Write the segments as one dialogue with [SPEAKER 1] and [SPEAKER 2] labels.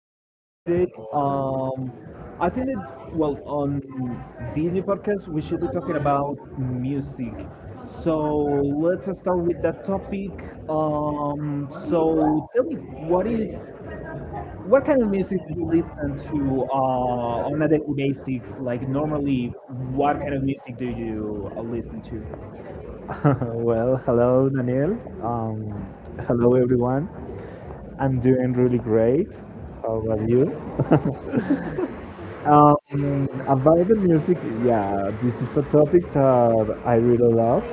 [SPEAKER 1] How are you today? I think that, well, on this new podcast, we should be talking about music. So, let's start with that topic. So, tell me, what kind of music do you listen to on a daily basis? Like, normally, what kind of music do you listen to?
[SPEAKER 2] Well, hello, Daniel. Um, Hello, everyone. I'm doing really great. How about you? About the music, yeah, this is a topic that I really love.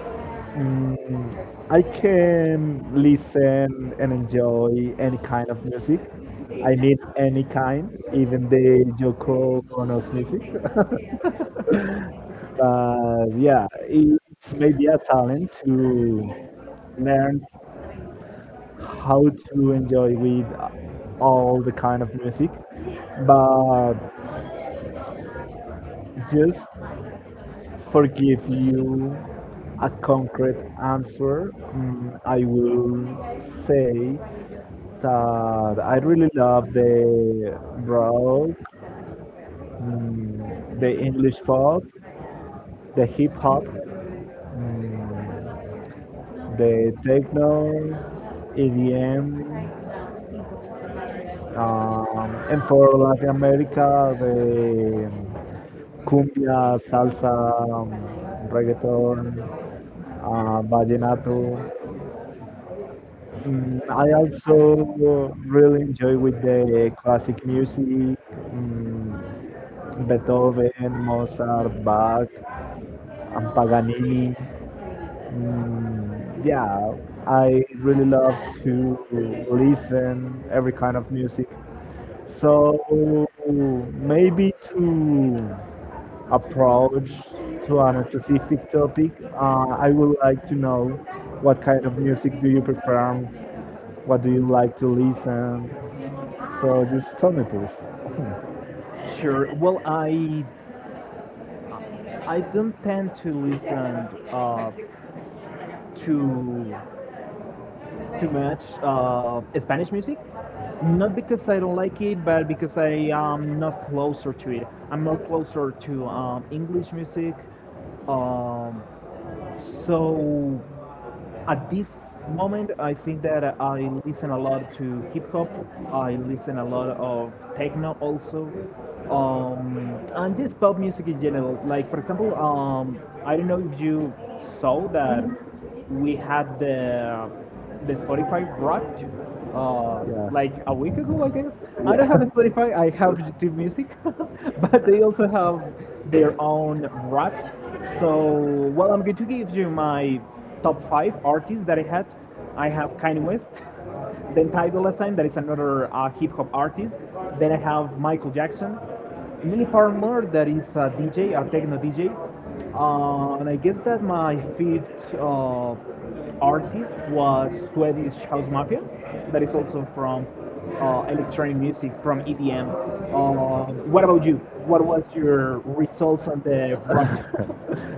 [SPEAKER 2] Mm, I can listen and enjoy any kind of music. I mean, any kind, even the Joko Ono's music. But yeah, it's maybe a talent to learn how to enjoy with all the kind of music, but just forgive you a concrete answer. I will say that I really love the rock, the English pop, the hip hop, mm, the techno, EDM, and for Latin America, the cumbia, salsa, um, reggaeton, vallenato. I also really enjoy with the classic music, Beethoven, Mozart, Bach, and Paganini. Yeah, I really love to listen every kind of music. So maybe to approach to a specific topic, I would like to know what kind of music do you perform? What do you like to listen? So just tell me, please.
[SPEAKER 1] Sure. Well, I don't tend to listen to too much Spanish music. Not because I don't like it, but because I am not closer to it. I'm not closer to English music. Um, so at this moment, I think that I listen a lot to hip hop. I listen a lot of techno also. And just pop music in general. Like, for example, I don't know if you saw that we had the Spotify Wrapped uh, like a week ago, I guess. I don't have a Spotify. I have YouTube Music, but they also have their own Wrapped. So, well, I'm going to give you my top five artists that I had. I have Kanye West. Then Ty Dolla Sign, that is another hip hop artist. Then I have Michael Jackson, Lily Palmer, that is a DJ, a techno DJ. And I guess that my fifth artist was Swedish House Mafia, that is also from electronic music, from EDM. What about you? What was your
[SPEAKER 2] You?
[SPEAKER 1] results on the rap?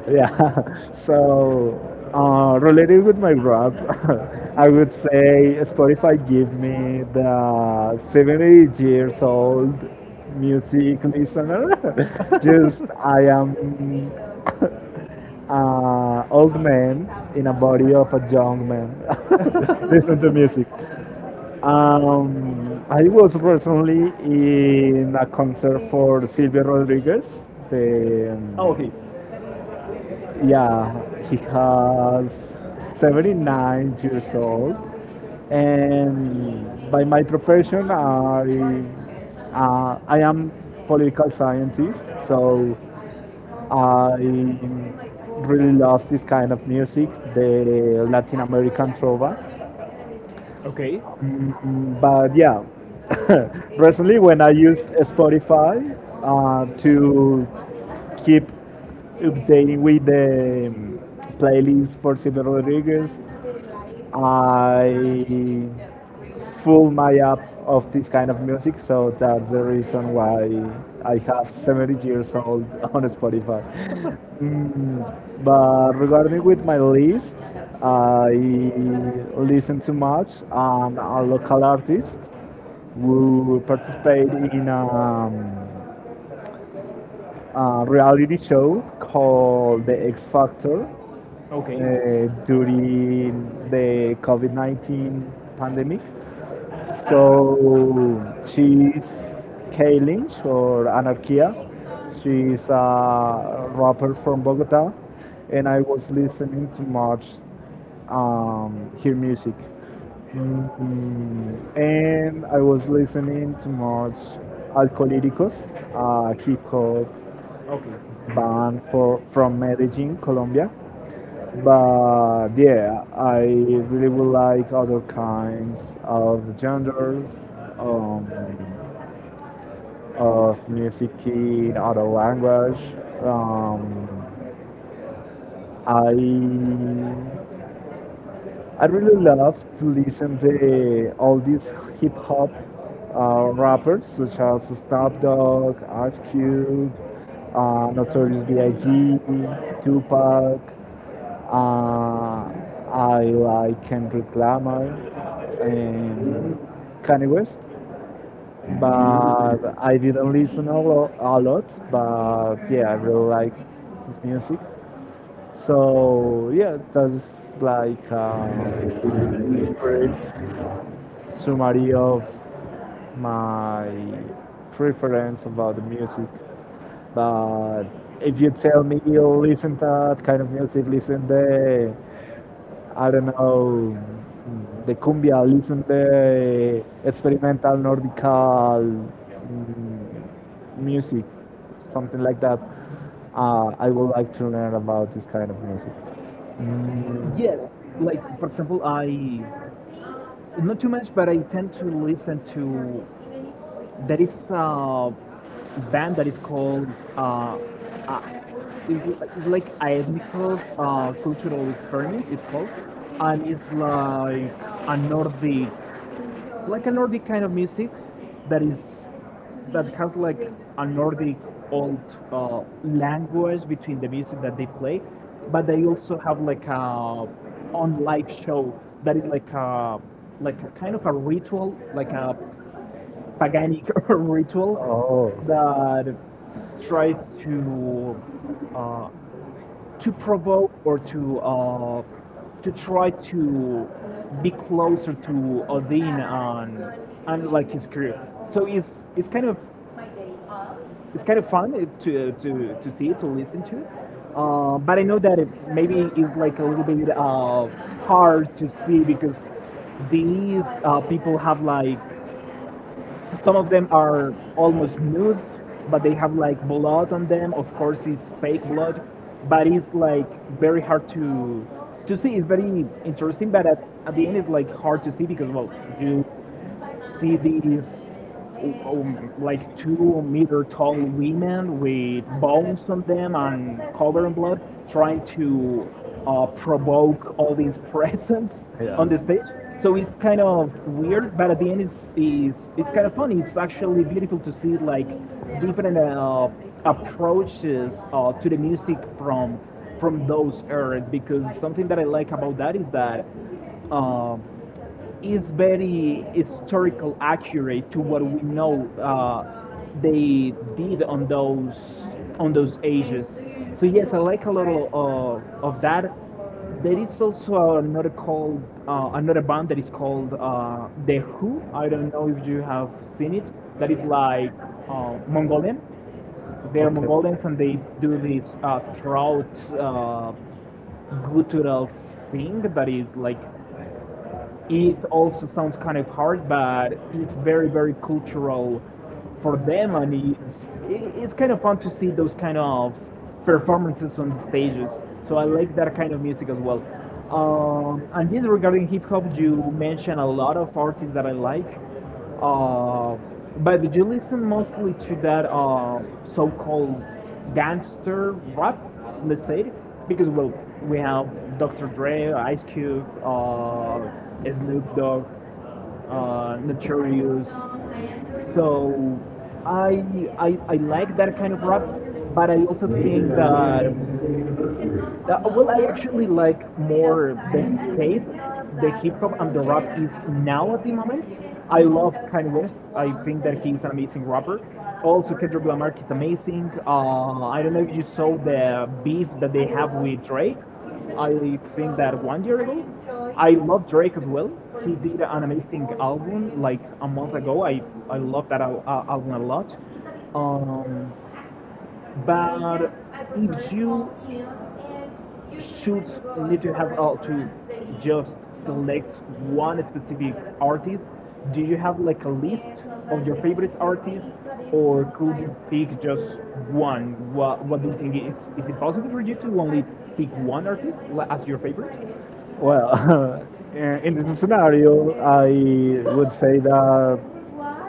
[SPEAKER 2] Yeah. So, related with my rap, I would say Spotify give me the 70 years old music listener. Just I am old man in a body of a young man. Listen to music. I was recently in a concert for Silvio Rodriguez. The
[SPEAKER 1] Okay.
[SPEAKER 2] um, yeah, he has 79 years old, and by my profession, I am political scientist, so I really love this kind of music, the Latin American trova.
[SPEAKER 1] Okay.
[SPEAKER 2] But yeah, recently when I used Spotify to keep updating with the playlist for Silvio Rodriguez, I full my up of this kind of music, so that's the reason why I have 70 years old on Spotify. But regarding with my list, I listen too much. I'm a local artist who participate in a reality show called The X Factor
[SPEAKER 1] Okay.
[SPEAKER 2] during the COVID-19 pandemic. So she's Kay Lynch or Anarchia. She's a rapper from Bogota, and I was listening to much her music. And I was listening to much Alcolíricos, a hip hop
[SPEAKER 1] Okay.
[SPEAKER 2] band from Medellin, Colombia. But yeah, I really would like other kinds of genres, um, of music in other language. Um, I I really love to listen to all these hip hop rappers such as Snoop Dogg, Ice Cube, Notorious B.I.G., Tupac. Uh, I like Kendrick Lamar and Kanye West, but I didn't listen a lot. But yeah, I really like his music. So yeah, that's like a summary of my preference about the music. But if you tell me you listen to that kind of music, listen the I don't know, the cumbia, listen the experimental nordical music, something like that. I would like to learn about this kind of music.
[SPEAKER 1] Yes.
[SPEAKER 2] Mm,
[SPEAKER 1] Like, for example, I not too much, but I tend to listen to there is a band that is called uh, uh is, is like Aetnikos cultural experiment it's called, and it's like a nordic, like a nordic kind of music that is that has like a nordic old language between the music that they play, but they also have like a on live show that is like a kind of a ritual, like a paganic ritual
[SPEAKER 2] Oh,
[SPEAKER 1] that tries uh, to provoke or to try to be closer to Odin and like his crew. So it's kind of it's kind of fun to see, to listen to. But I know that it maybe is like a little bit hard to see because these people have like, some of them are almost nude, but they have like blood on them. Of course, it's fake blood, but it's like very hard to see. It's very interesting, but at the end, it's like hard to see because well, you see these like 2-meter tall women with bones on them and covered in blood trying to provoke all these presence on the stage. So it's kind of weird, but at the end, it's kind of funny. It's actually beautiful to see like different approaches to the music from those eras, because something that I like about that uh, is very historical accurate to what we know they did on those ages. So yes, I like a lot of that. There is also another called another band that is called The Who. I don't know if you have seen it. That is like Mongolian. So they are Mongolians, and they do this throat uh, guttural sing that is like, it also sounds kind of hard, but it's very, very cultural for them, and it's kind of fun to see those kind of performances on the stages. So I like that kind of music as well. And yes, regarding hip hop, you mentioned a lot of artists that I like. Uh, but do you listen mostly to that so-called gangster rap, let's say? Because well, we have Dr. Dre, Ice Cube, Snoop Dogg, Notorious. So I, I like that kind of rap, but I also think that well, I actually like more the skate, the hip hop, and the rap is now at the moment. I love Kanye West. I think that he's an amazing rapper. Also, Kendrick Lamar is amazing. I don't know if you saw the beef that they have with Drake. I think that one year ago. I love Drake as well. He did an amazing album like a month ago. I love that album a lot. Um, but if you should need to have to just select one specific artist, do you have like a list of your favorite artists, or could you pick just one? What do you think? Is it possible for you to only pick one artist as your favorite?
[SPEAKER 2] well, in this scenario, I would say that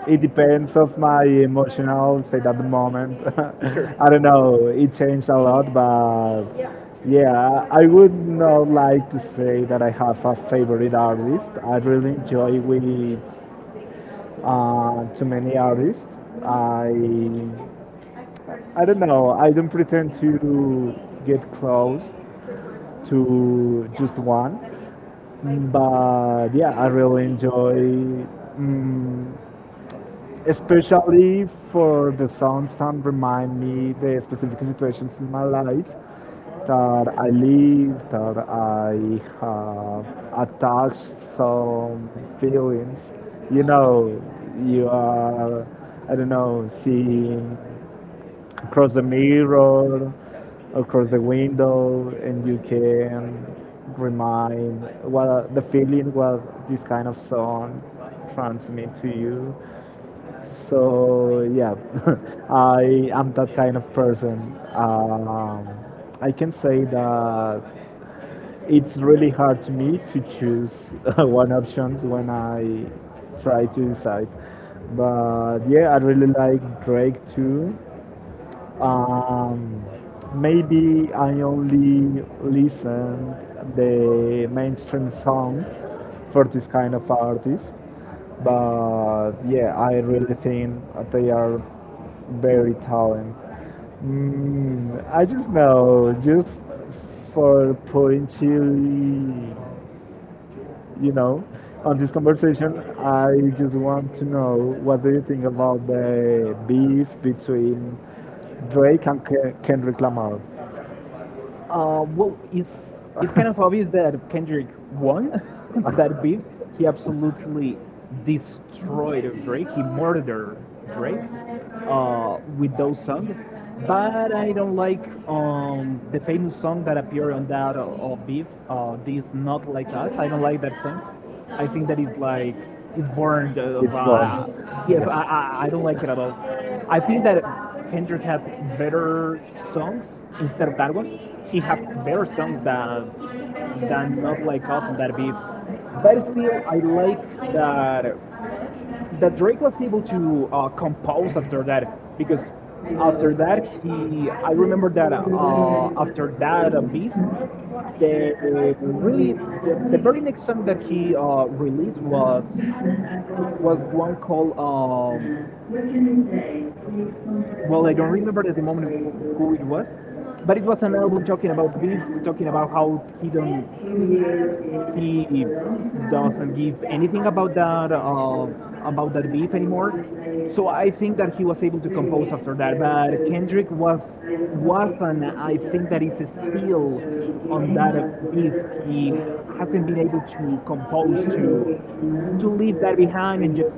[SPEAKER 2] it depends of my emotional state at the moment.
[SPEAKER 1] Sure.
[SPEAKER 2] I don't know, it changed a lot, but yeah, I would not like to say that I have a favorite artist. I really enjoy with too many artists. I I don't know. I don't pretend to get close to just one. But yeah, I really enjoy, mm especially for the songs that remind me the specific situations in my life that I live, that I have attached some feelings. You know, you are, I don't know, seeing across the mirror, across the window, and you can remind the feeling what this kind of song transmit to you. So yeah, I am that kind of person. Um, I can say that it's really hard to me to choose one option when I try to decide. But yeah, I really like Drake too. Um, Maybe I only listen the mainstream songs for this kind of artist, but yeah, I really think they are very talented. I just know, just for putting chili you know, on this conversation, I just want to know what do you think about the beef between Drake and Kendrick Lamar?
[SPEAKER 1] Well, it's kind of obvious that Kendrick won that beef. He absolutely destroyed Drake. He murdered Drake with those songs. But I don't like the famous song that appeared on that beef. This not like us. I don't like that song. I think that is like it's born.
[SPEAKER 2] It's born.
[SPEAKER 1] Yes, I,
[SPEAKER 2] Yeah.
[SPEAKER 1] I I don't like it at all. I think that Kendrick had
[SPEAKER 2] a
[SPEAKER 1] better songs instead of that one. He had better songs
[SPEAKER 2] a.
[SPEAKER 1] that than Not Like Us and that beef. But still, I like that Drake was able to compose after that, because after that he I remember that after that beef the really the very next song that he released was one called well, I don't remember at the moment who it was, but it was an album talking about the beef, talking about how he doesn't give anything about that beef anymore. So I think that he was able to compose after that. But Kendrick was and I think that is still on that beef. He hasn't been able to compose to leave that behind and just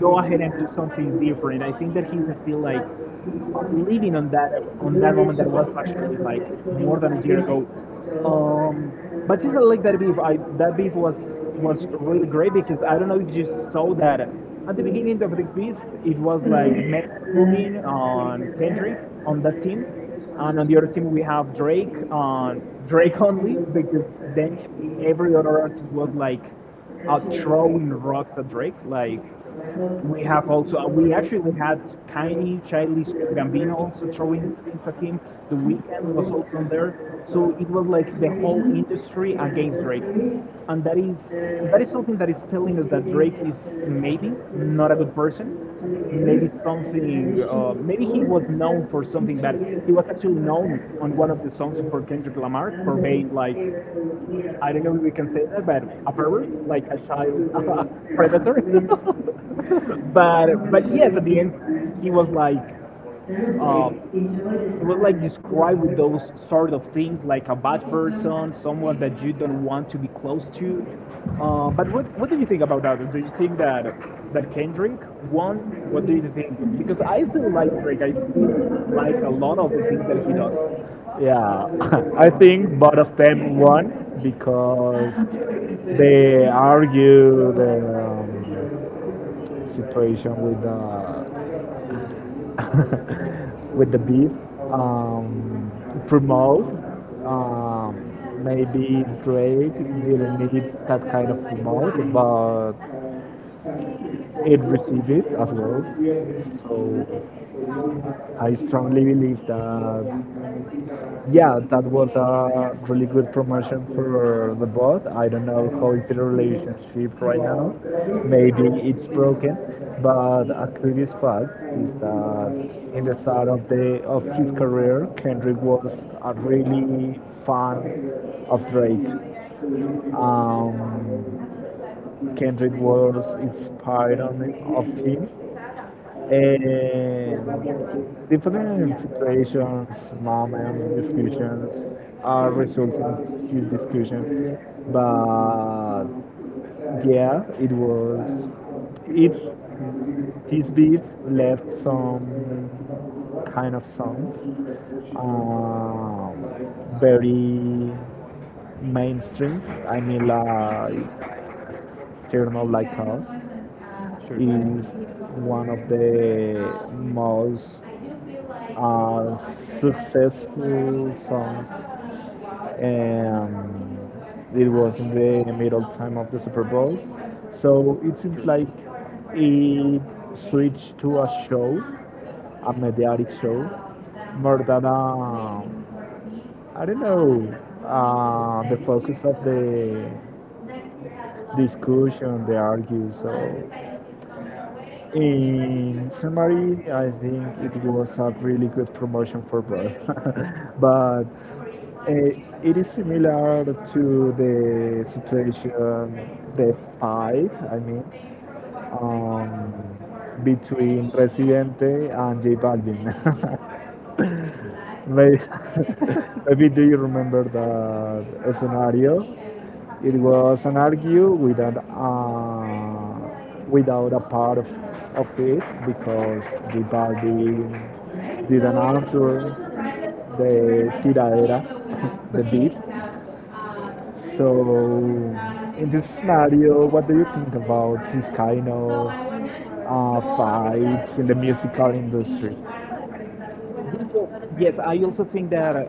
[SPEAKER 1] go ahead and do something different. I think that he's still like living on that moment that was actually like more than a year ago. Um, but just like that beef, I that beef was really great, because I don't know if you saw that at the beginning of the beef, it was like Matt Grooming on Kendrick on that team, and on the other team we have Drake on Drake only, because then every other artist was like throwing rocks at Drake, like we have also, we actually had Kaini, Childish Gambino also throwing things at him. The weekend was also on there. So it was like the whole industry against Drake. And that is something that is telling us that Drake is maybe not a good person. Maybe he was known for something bad. He was actually known on one of the songs for Kendrick Lamar for being like, I don't know if we can say that, but a pervert, like a child, a predator. But Yes, at the end he was like described with those sort of things, like a bad person, someone that you don't want to be close to. But what do you think about that? Do you think that Kendrick won? What do you think? Because I still like Drake. I still like a lot of the things that he does.
[SPEAKER 2] Yeah, I think both of them won because they argue the situation with the with the beef, um, promote. Um, Maybe Drake didn't need that kind of promote, but it received it as well. So I strongly believe that yeah, that was a really good promotion for the bot. I don't know how is the relationship right now. Maybe it's broken, but a curious fact is that in the start of his career, Kendrick was a really fan of Drake. Um, Kendrick was inspired of him and different situations, moments, discussions are results in this discussion. But yeah, it was it this beef left some kind of songs um, very mainstream. I mean like Journal Like Us is one of the most uh, successful songs. And it was in the middle time of the Super Bowl. So it seems like it switched to a show, a mediatic show, more than a, I don't know, the focus of the discussion, they argue. So, in summary, I think it was a really good promotion for both. But uh, it is similar to the situation, the fight, I mean, um, between Residente and J Balvin. May- Maybe do you remember that scenario? It was an argue without a part of it because the party didn't answer the tiradera, the beef. So in this scenario, what do you think about this kind of fights in the musical industry?
[SPEAKER 1] Yeah, yes, I also think that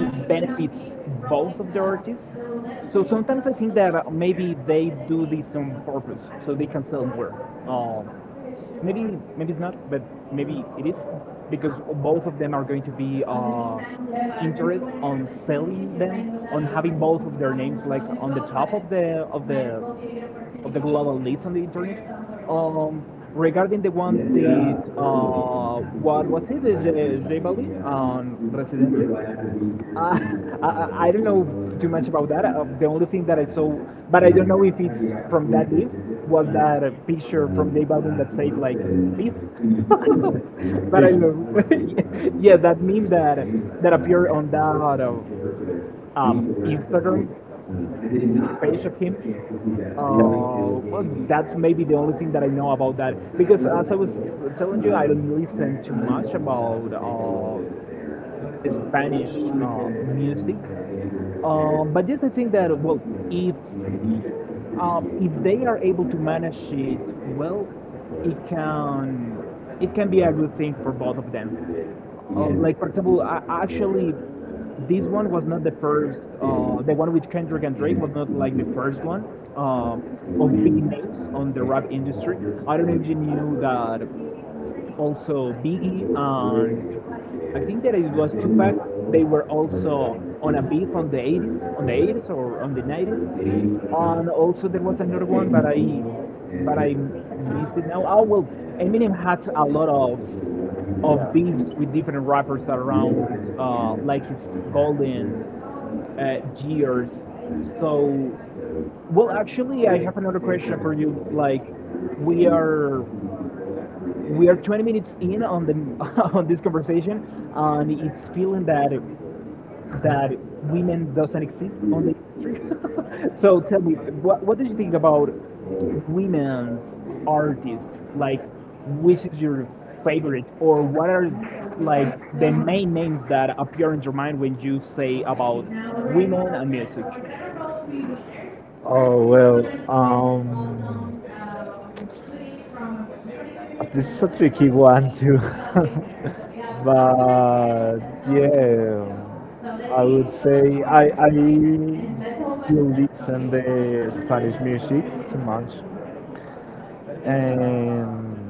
[SPEAKER 1] it benefits both of the artists. So sometimes I think that maybe they do this on purpose, so they can sell more. Um, maybe it's not, but maybe it is, because both of them are going to be interest on selling them, on having both of their names like on the top of the global leads on the internet. Regarding the one with what was it, is J Balvin
[SPEAKER 2] I
[SPEAKER 1] on Residente? Uh, I don't know too much about that. The only thing that I saw, but I don't know if it's from that list, was that picture from J Balvin that said like peace. But I know, yeah, that meme that appeared on that Instagram
[SPEAKER 2] did not
[SPEAKER 1] page
[SPEAKER 2] actually
[SPEAKER 1] of him.
[SPEAKER 2] do that. I didn't need to.
[SPEAKER 1] Well, that's maybe the only thing that I know about that. Because as I was telling you, I don't listen too much about Spanish music. But yes, I think that, well, it's
[SPEAKER 2] I needed
[SPEAKER 1] if they are able to manage it well, it can it can be a good thing for both of them. Like for example, I actually, this one was not the first. The one with Kendrick and Drake was not like the first one uh, of big names on the rap industry. I don't know if you knew that also Biggie, and I think that it was Tupac. They were also on a beat from the 80s, on the 90s. And also there was another one, but I miss it now. Oh well, Eminem had a lot of
[SPEAKER 2] to.
[SPEAKER 1] beefs with different rappers around, like his golden uh, years. So, actually, I have another question for you. Like, we are we are 20 minutes in on the on this conversation, and it's feeling that that women doesn't exist on the industry. So tell me what do you think about women's artists, like which is your favorite, or what are like the main names that appear in your mind when you say about women and music?
[SPEAKER 2] Oh well, this is a tricky one too, but yeah, I would say I do listen the Spanish music too much, and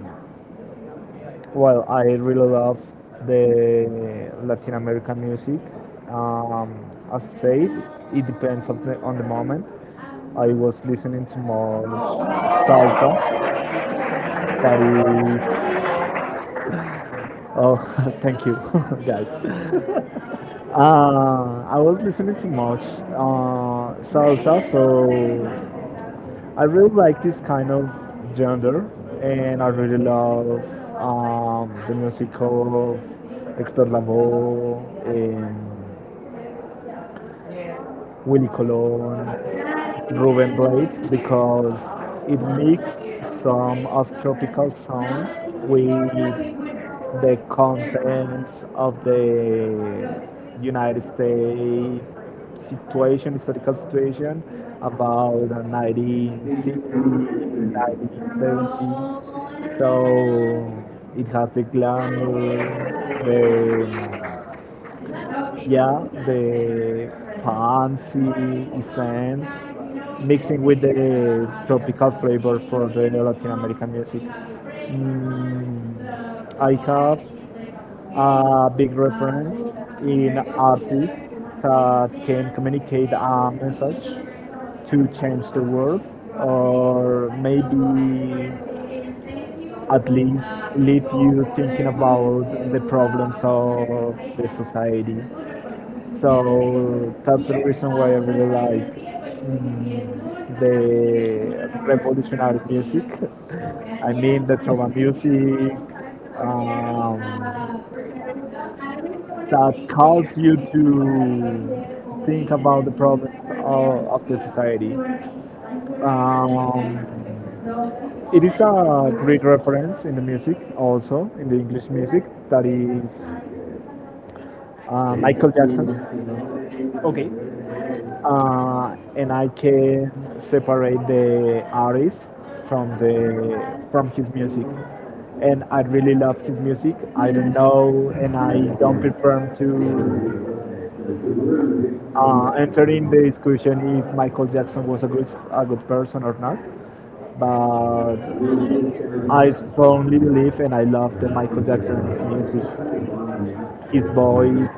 [SPEAKER 2] well, I really love the Latin American music. Um, as I said, it depends on the moment. I was listening to more salsa, that is. Oh, thank you, guys. I was listening to much salsa, so I really like this kind of genre, and I really love the music of Hector Lavoe, and Willy Colon, Ruben Blades because it mixed some of tropical sounds with the contents of the United States situation, historical situation about the 1960, 1970. So it has the glamour, the, yeah, the fancy essence mixing with the tropical flavor for the Latin American music. Mm, I have a big reference in artists that can communicate a message to change the world or maybe at least leave you thinking about the problems of the society. So that's the reason why I really like mm, the revolutionary music. I mean the trova music, um, that calls you to think about the problems of the society. Um, it is a great reference in the music, also in the English music, that is Michael Jackson.
[SPEAKER 1] Okay.
[SPEAKER 2] And I can separate the artist from his music. And I really love his music. I don't know, and I don't prefer to entering the discussion if Michael Jackson was a good person or not. But I strongly believe and I love the Michael Jackson's music, his voice,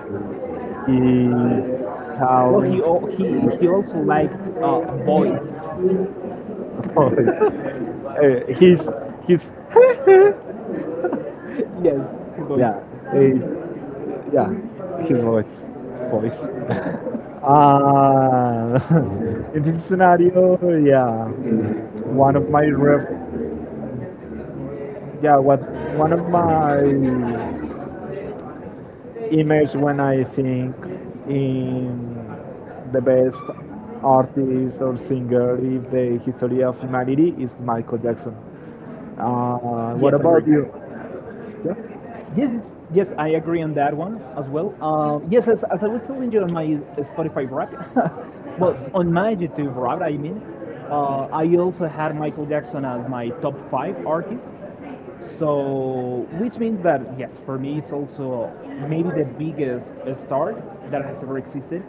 [SPEAKER 2] his
[SPEAKER 1] Well,
[SPEAKER 2] talent,
[SPEAKER 1] he also liked boys.
[SPEAKER 2] voice, uh, his his
[SPEAKER 1] Yes, boys.
[SPEAKER 2] Yeah, it's yeah, his voice. Uh, in this scenario, yeah, one of my ref, yeah, what one of my image when I think in the best artist or singer in the history of humanity is Michael Jackson. What
[SPEAKER 1] Yes, I agree.
[SPEAKER 2] about you? Yeah.
[SPEAKER 1] Yes, yes, yes, I agree on that one as well. Yes, as I was telling you on my Spotify rap, well, on my YouTube rap, I mean, I also had Michael Jackson as my top five artist. So, which means that, yes, for me, it's also maybe the biggest star that has ever existed.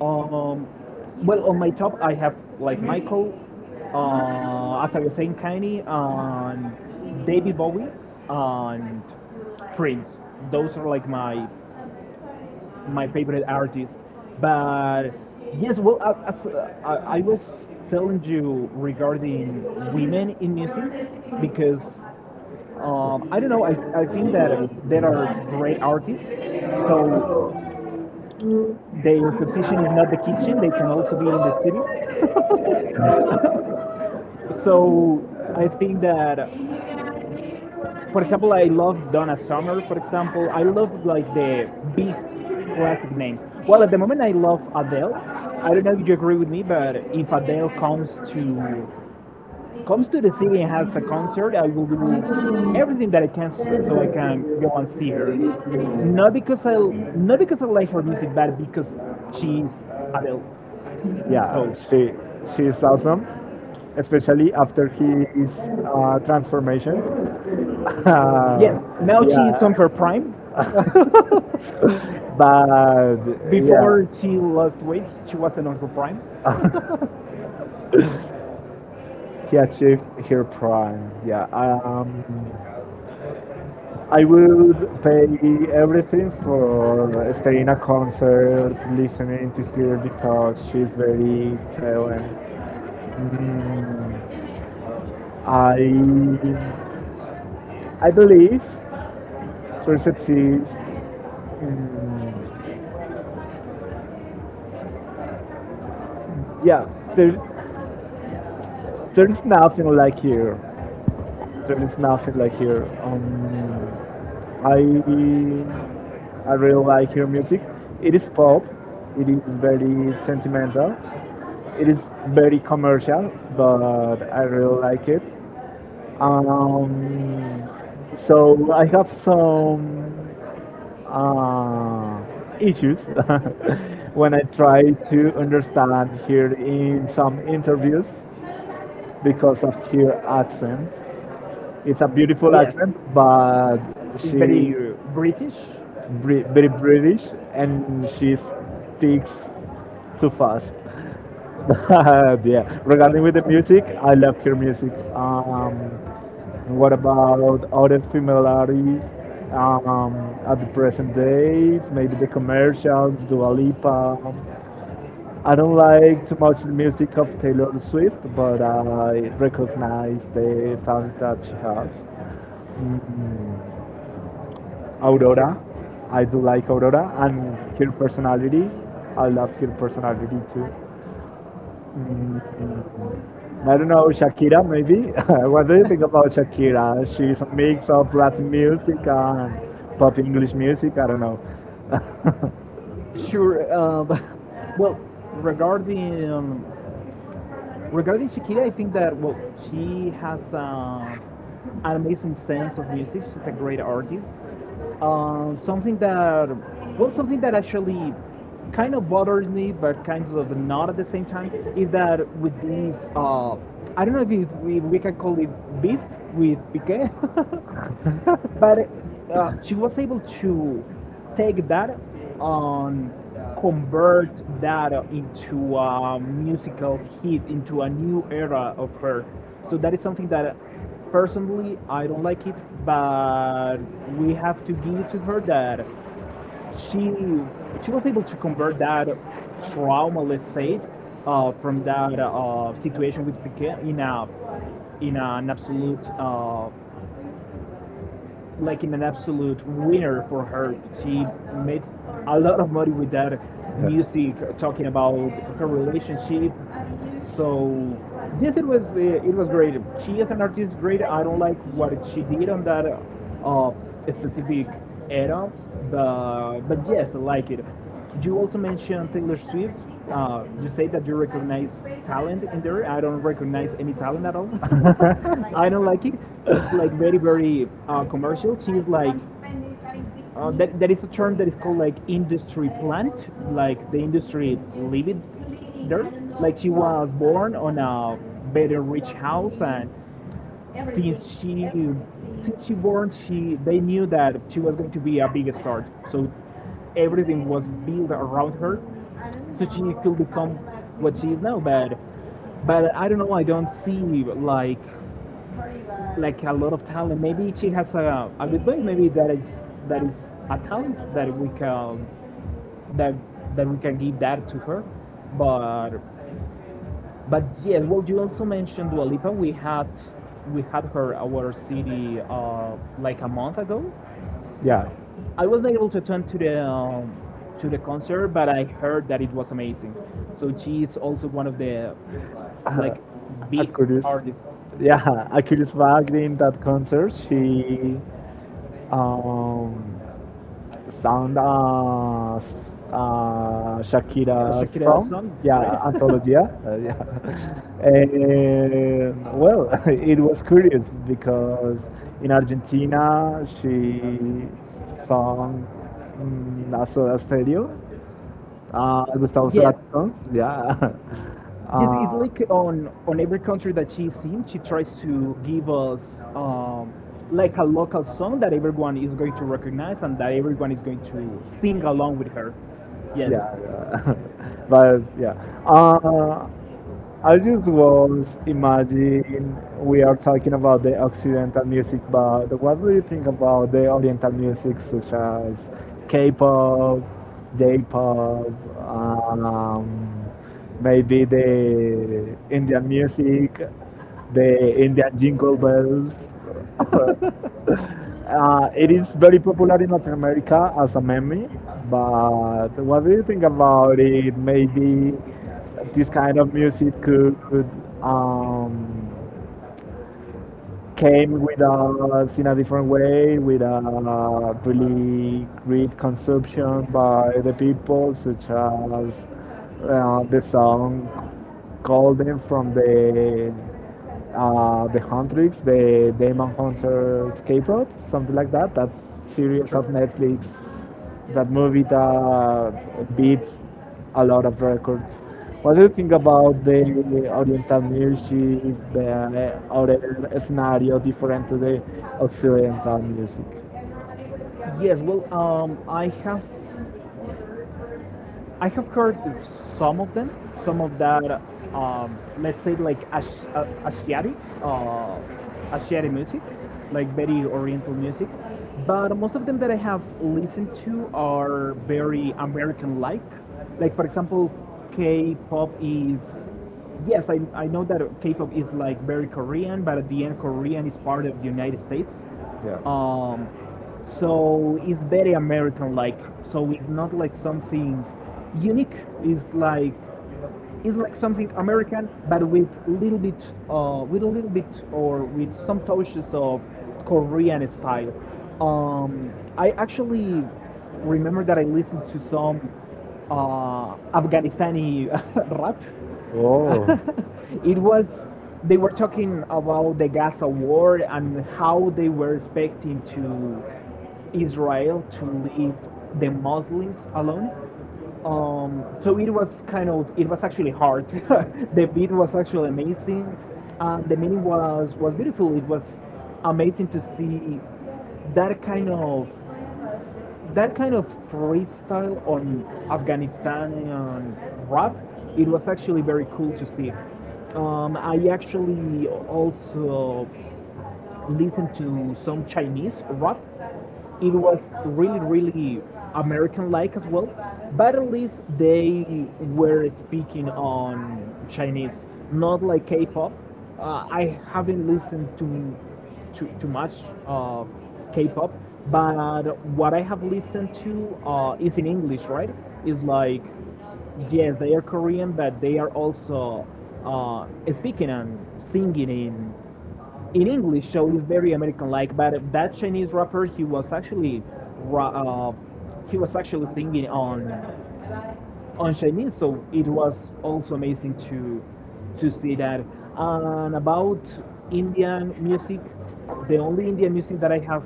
[SPEAKER 1] Um, well, on my top, I have like Michael, as I was saying, Kanye, and David Bowie, and Prince. Those are like my favorite artists. But yes, well, as I was telling you regarding women in music, because I don't know, I think that there are great artists. So their position is not the kitchen; they can also be in the studio. So I think that, for example, I love Donna Summer. For example, I love like the big classic names. Well, at the moment, I love Adele. I don't know if you agree with me, but if Adele comes to the city and has a concert, I will do everything that I can so I can go and see her. Not because I Not because I like her music, but because she's Adele.
[SPEAKER 2] Yeah,
[SPEAKER 1] So
[SPEAKER 2] she's awesome, especially after his transformation. Uh,
[SPEAKER 1] yes, now she is on her
[SPEAKER 2] yeah,
[SPEAKER 1] prime.
[SPEAKER 2] but yeah,
[SPEAKER 1] Before she lost weight, she wasn't on her prime.
[SPEAKER 2] he achieved her prime. Yeah, I would pay everything for staying a concert, listening to her because she's very talented. Mm, I I believe there's a taste. Yeah, there, there's nothing like here. There is nothing like here. I really like your music. It is pop. It is very sentimental. It is very commercial, but I really like it. Um, so I have some uh, issues when I try to understand here in some interviews because of her accent. It's a beautiful
[SPEAKER 1] Yes.
[SPEAKER 2] accent, but
[SPEAKER 1] She's
[SPEAKER 2] she
[SPEAKER 1] very British.
[SPEAKER 2] very British and she speaks too fast. Yeah. Regarding with the music, I love her music. And what about other female artists um, at the present days? Maybe the commercials, Dua Lipa. I don't like too much the music of Taylor Swift, but I recognize the talent that she has. Mm, Aurora, I do like Aurora and her personality. I love her personality too. Mm, I don't know, Shakira maybe? What do you think about Shakira? She's a mix of Latin music and pop English music, I don't
[SPEAKER 1] Sure. Well, regarding um, regarding Shakira, I think that, well, she has an amazing sense of music. She's a great artist. Something that, well, something that actually kind of bothers me, but kind of not at the same time, is that with these, I don't know if, it, we can call it beef with Piqué. But she was able to take that and convert that into a musical hit, into a new era of her. So that is something that personally I don't like it, but we have to give it to her
[SPEAKER 2] know.
[SPEAKER 1] that she she was able to convert that trauma, let's say it, from that situation with Piquet in a in an absolute like in an absolute winner for her. She made a lot of money with that music, talking about her relationship. So yes, it was it was great. She is an artist, great. I don't like what she did on that specific era, but yes, I like it. You also mentioned Taylor Swift. You say that you recognize talent in there. I don't recognize any talent at all. I don't like it. It's like very very commercial. She is like that is a term that is called like industry plant, like the industry lived there. Like she was born on a very rich house, and since she since she born, she they knew that she was going to be a big star. So everything was built around her, so she could become what she is now. But I don't know. I don't see like a lot of talent. Maybe she has a good body. Maybe that is a talent that we can that that we can give that to her. But yeah, well, you also mentioned Dua Lipa. We had her our city like a month ago.
[SPEAKER 2] Yeah.
[SPEAKER 1] I wasn't able to attend to the concert, but I heard that it was amazing. So she is also one of the
[SPEAKER 2] uh,
[SPEAKER 1] like big
[SPEAKER 2] Aquarius.
[SPEAKER 1] artists.
[SPEAKER 2] Yeah, Aquarius back in that concert. She um, sang a Shakira song. Yeah, anthology. Yeah, and well, it was curious because in Argentina she sang a Soda Stereo, Gustavo
[SPEAKER 1] Yes.
[SPEAKER 2] Cerati songs. Yeah.
[SPEAKER 1] Yes, it's
[SPEAKER 2] Uh,
[SPEAKER 1] like on every country that she's in, she tries to give us um, like a local song that everyone is going to recognize and that everyone is going to sing along with her. Yes.
[SPEAKER 2] yeah, yeah. But yeah uh, I just was imagining we are talking about the occidental music, but what do you think about the oriental music such as k-pop, j-pop, um, maybe the indian music, the indian jingle bells? It is very popular in Latin America as a meme, but what do you think about it? Maybe this kind of music could um, came with us in a different way, with a really great consumption by the people, such as the song called "Them" from the Huntrix, the Demon Hunters K-pop, something like that. That series of Netflix, that movie that beats a lot of records. What do you think about the Oriental music, the other scenario different to the Occidental music?
[SPEAKER 1] Yes. Well, I have heard some of them, some of that, let's say like Asiatic, uh, Asiatic music, like very Oriental music. But most of them that I have listened to are very American-like. Like for example, K-pop is— yes, I know that K-pop is like very Korean, but at the end, Korean is part of the United States. Um, so it's very American like. So it's not like something unique. It's like it's like something American, but with a little bit or with some touches of Korean style. I actually remember that I listened to some Afghanistani rap. It was— they were talking about the Gaza war and how they were expecting to Israel to leave the Muslims alone. So it was kind of— it was actually hard. The beat was actually amazing, and the meaning was beautiful. It was amazing to see that kind of that kind of freestyle on Afghanistani rap. It was actually very cool to see. I actually also listened to some Chinese rap. It was really, really American like as well. But at least they were speaking on Chinese, not like K pop. I haven't listened to too much K pop, but what I have listened to is in English, right? Is like, yes, they are Korean, but they are also uh, speaking and singing in English, so he's very American-like. But that Chinese rapper, he was actually ra- uh, he was actually singing on Chinese. So it was also amazing to see that. And about Indian music, the only Indian music that I have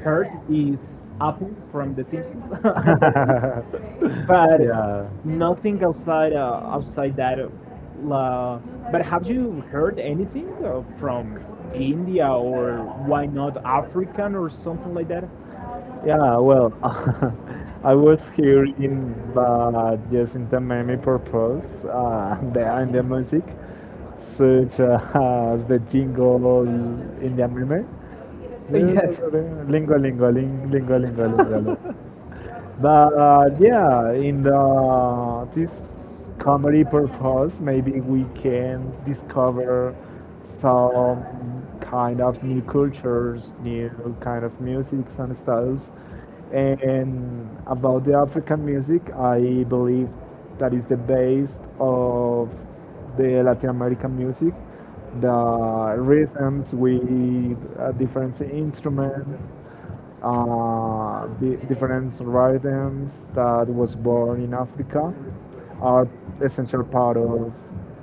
[SPEAKER 1] heard is Apu from The Simpsons. And that's it. But
[SPEAKER 2] Yeah.
[SPEAKER 1] nothing outside that. But have you heard anything from India or why not African or something like that?
[SPEAKER 2] Yeah, well, I was here in, but just in the main purpose behind the music, such as the jingle in the meme.
[SPEAKER 1] Yes.
[SPEAKER 2] Lingo, lingo, lingo, lingo, lingo, lingo. But yeah, in the this comedy purpose, maybe we can discover some kind of new cultures, new kind of musics and styles. And about the African music, I believe that is the base of the Latin American music, the rhythms with a different instrument different rhythms that was born in Africa are essential part of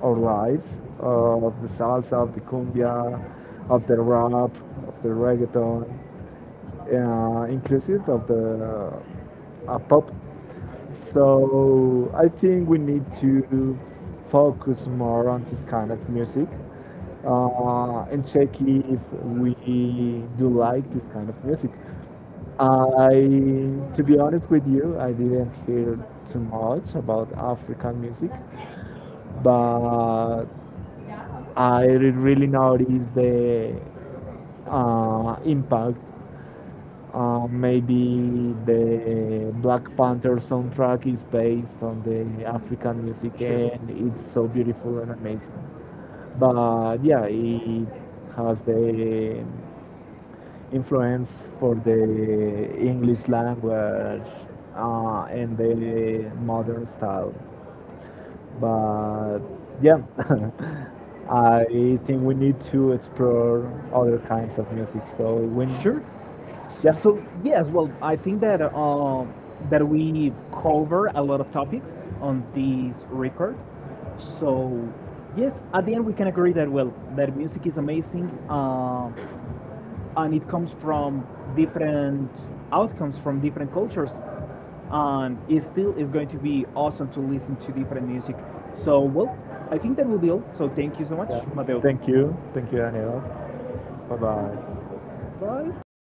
[SPEAKER 2] our lives, of the salsa, of the cumbia, of the rap, of the reggaeton, inclusive of the pop. So I think we need to focus more on this kind of music and check if we do like this kind of music. To be honest with you, I didn't hear too much about African music, but I really noticed the impact. Maybe the Black Panther soundtrack is based on the African music,
[SPEAKER 1] Sure.
[SPEAKER 2] and it's so beautiful and amazing. But yeah, it has the influence for the English language and the modern style. But yeah, I think we need to explore other kinds of music. So when Sure.
[SPEAKER 1] Sure.
[SPEAKER 2] Yeah, yeah.
[SPEAKER 1] So yes, well, I think that that we cover a lot of topics on this record. So yes, at the end we can agree that, well, that music is amazing. And it comes from different outcomes from different cultures, and it still is going to be awesome to listen to different music. So well, I think that will be all, so thank you so much, Mateo.
[SPEAKER 2] Thank you, Daniel. Bye bye.
[SPEAKER 1] Bye.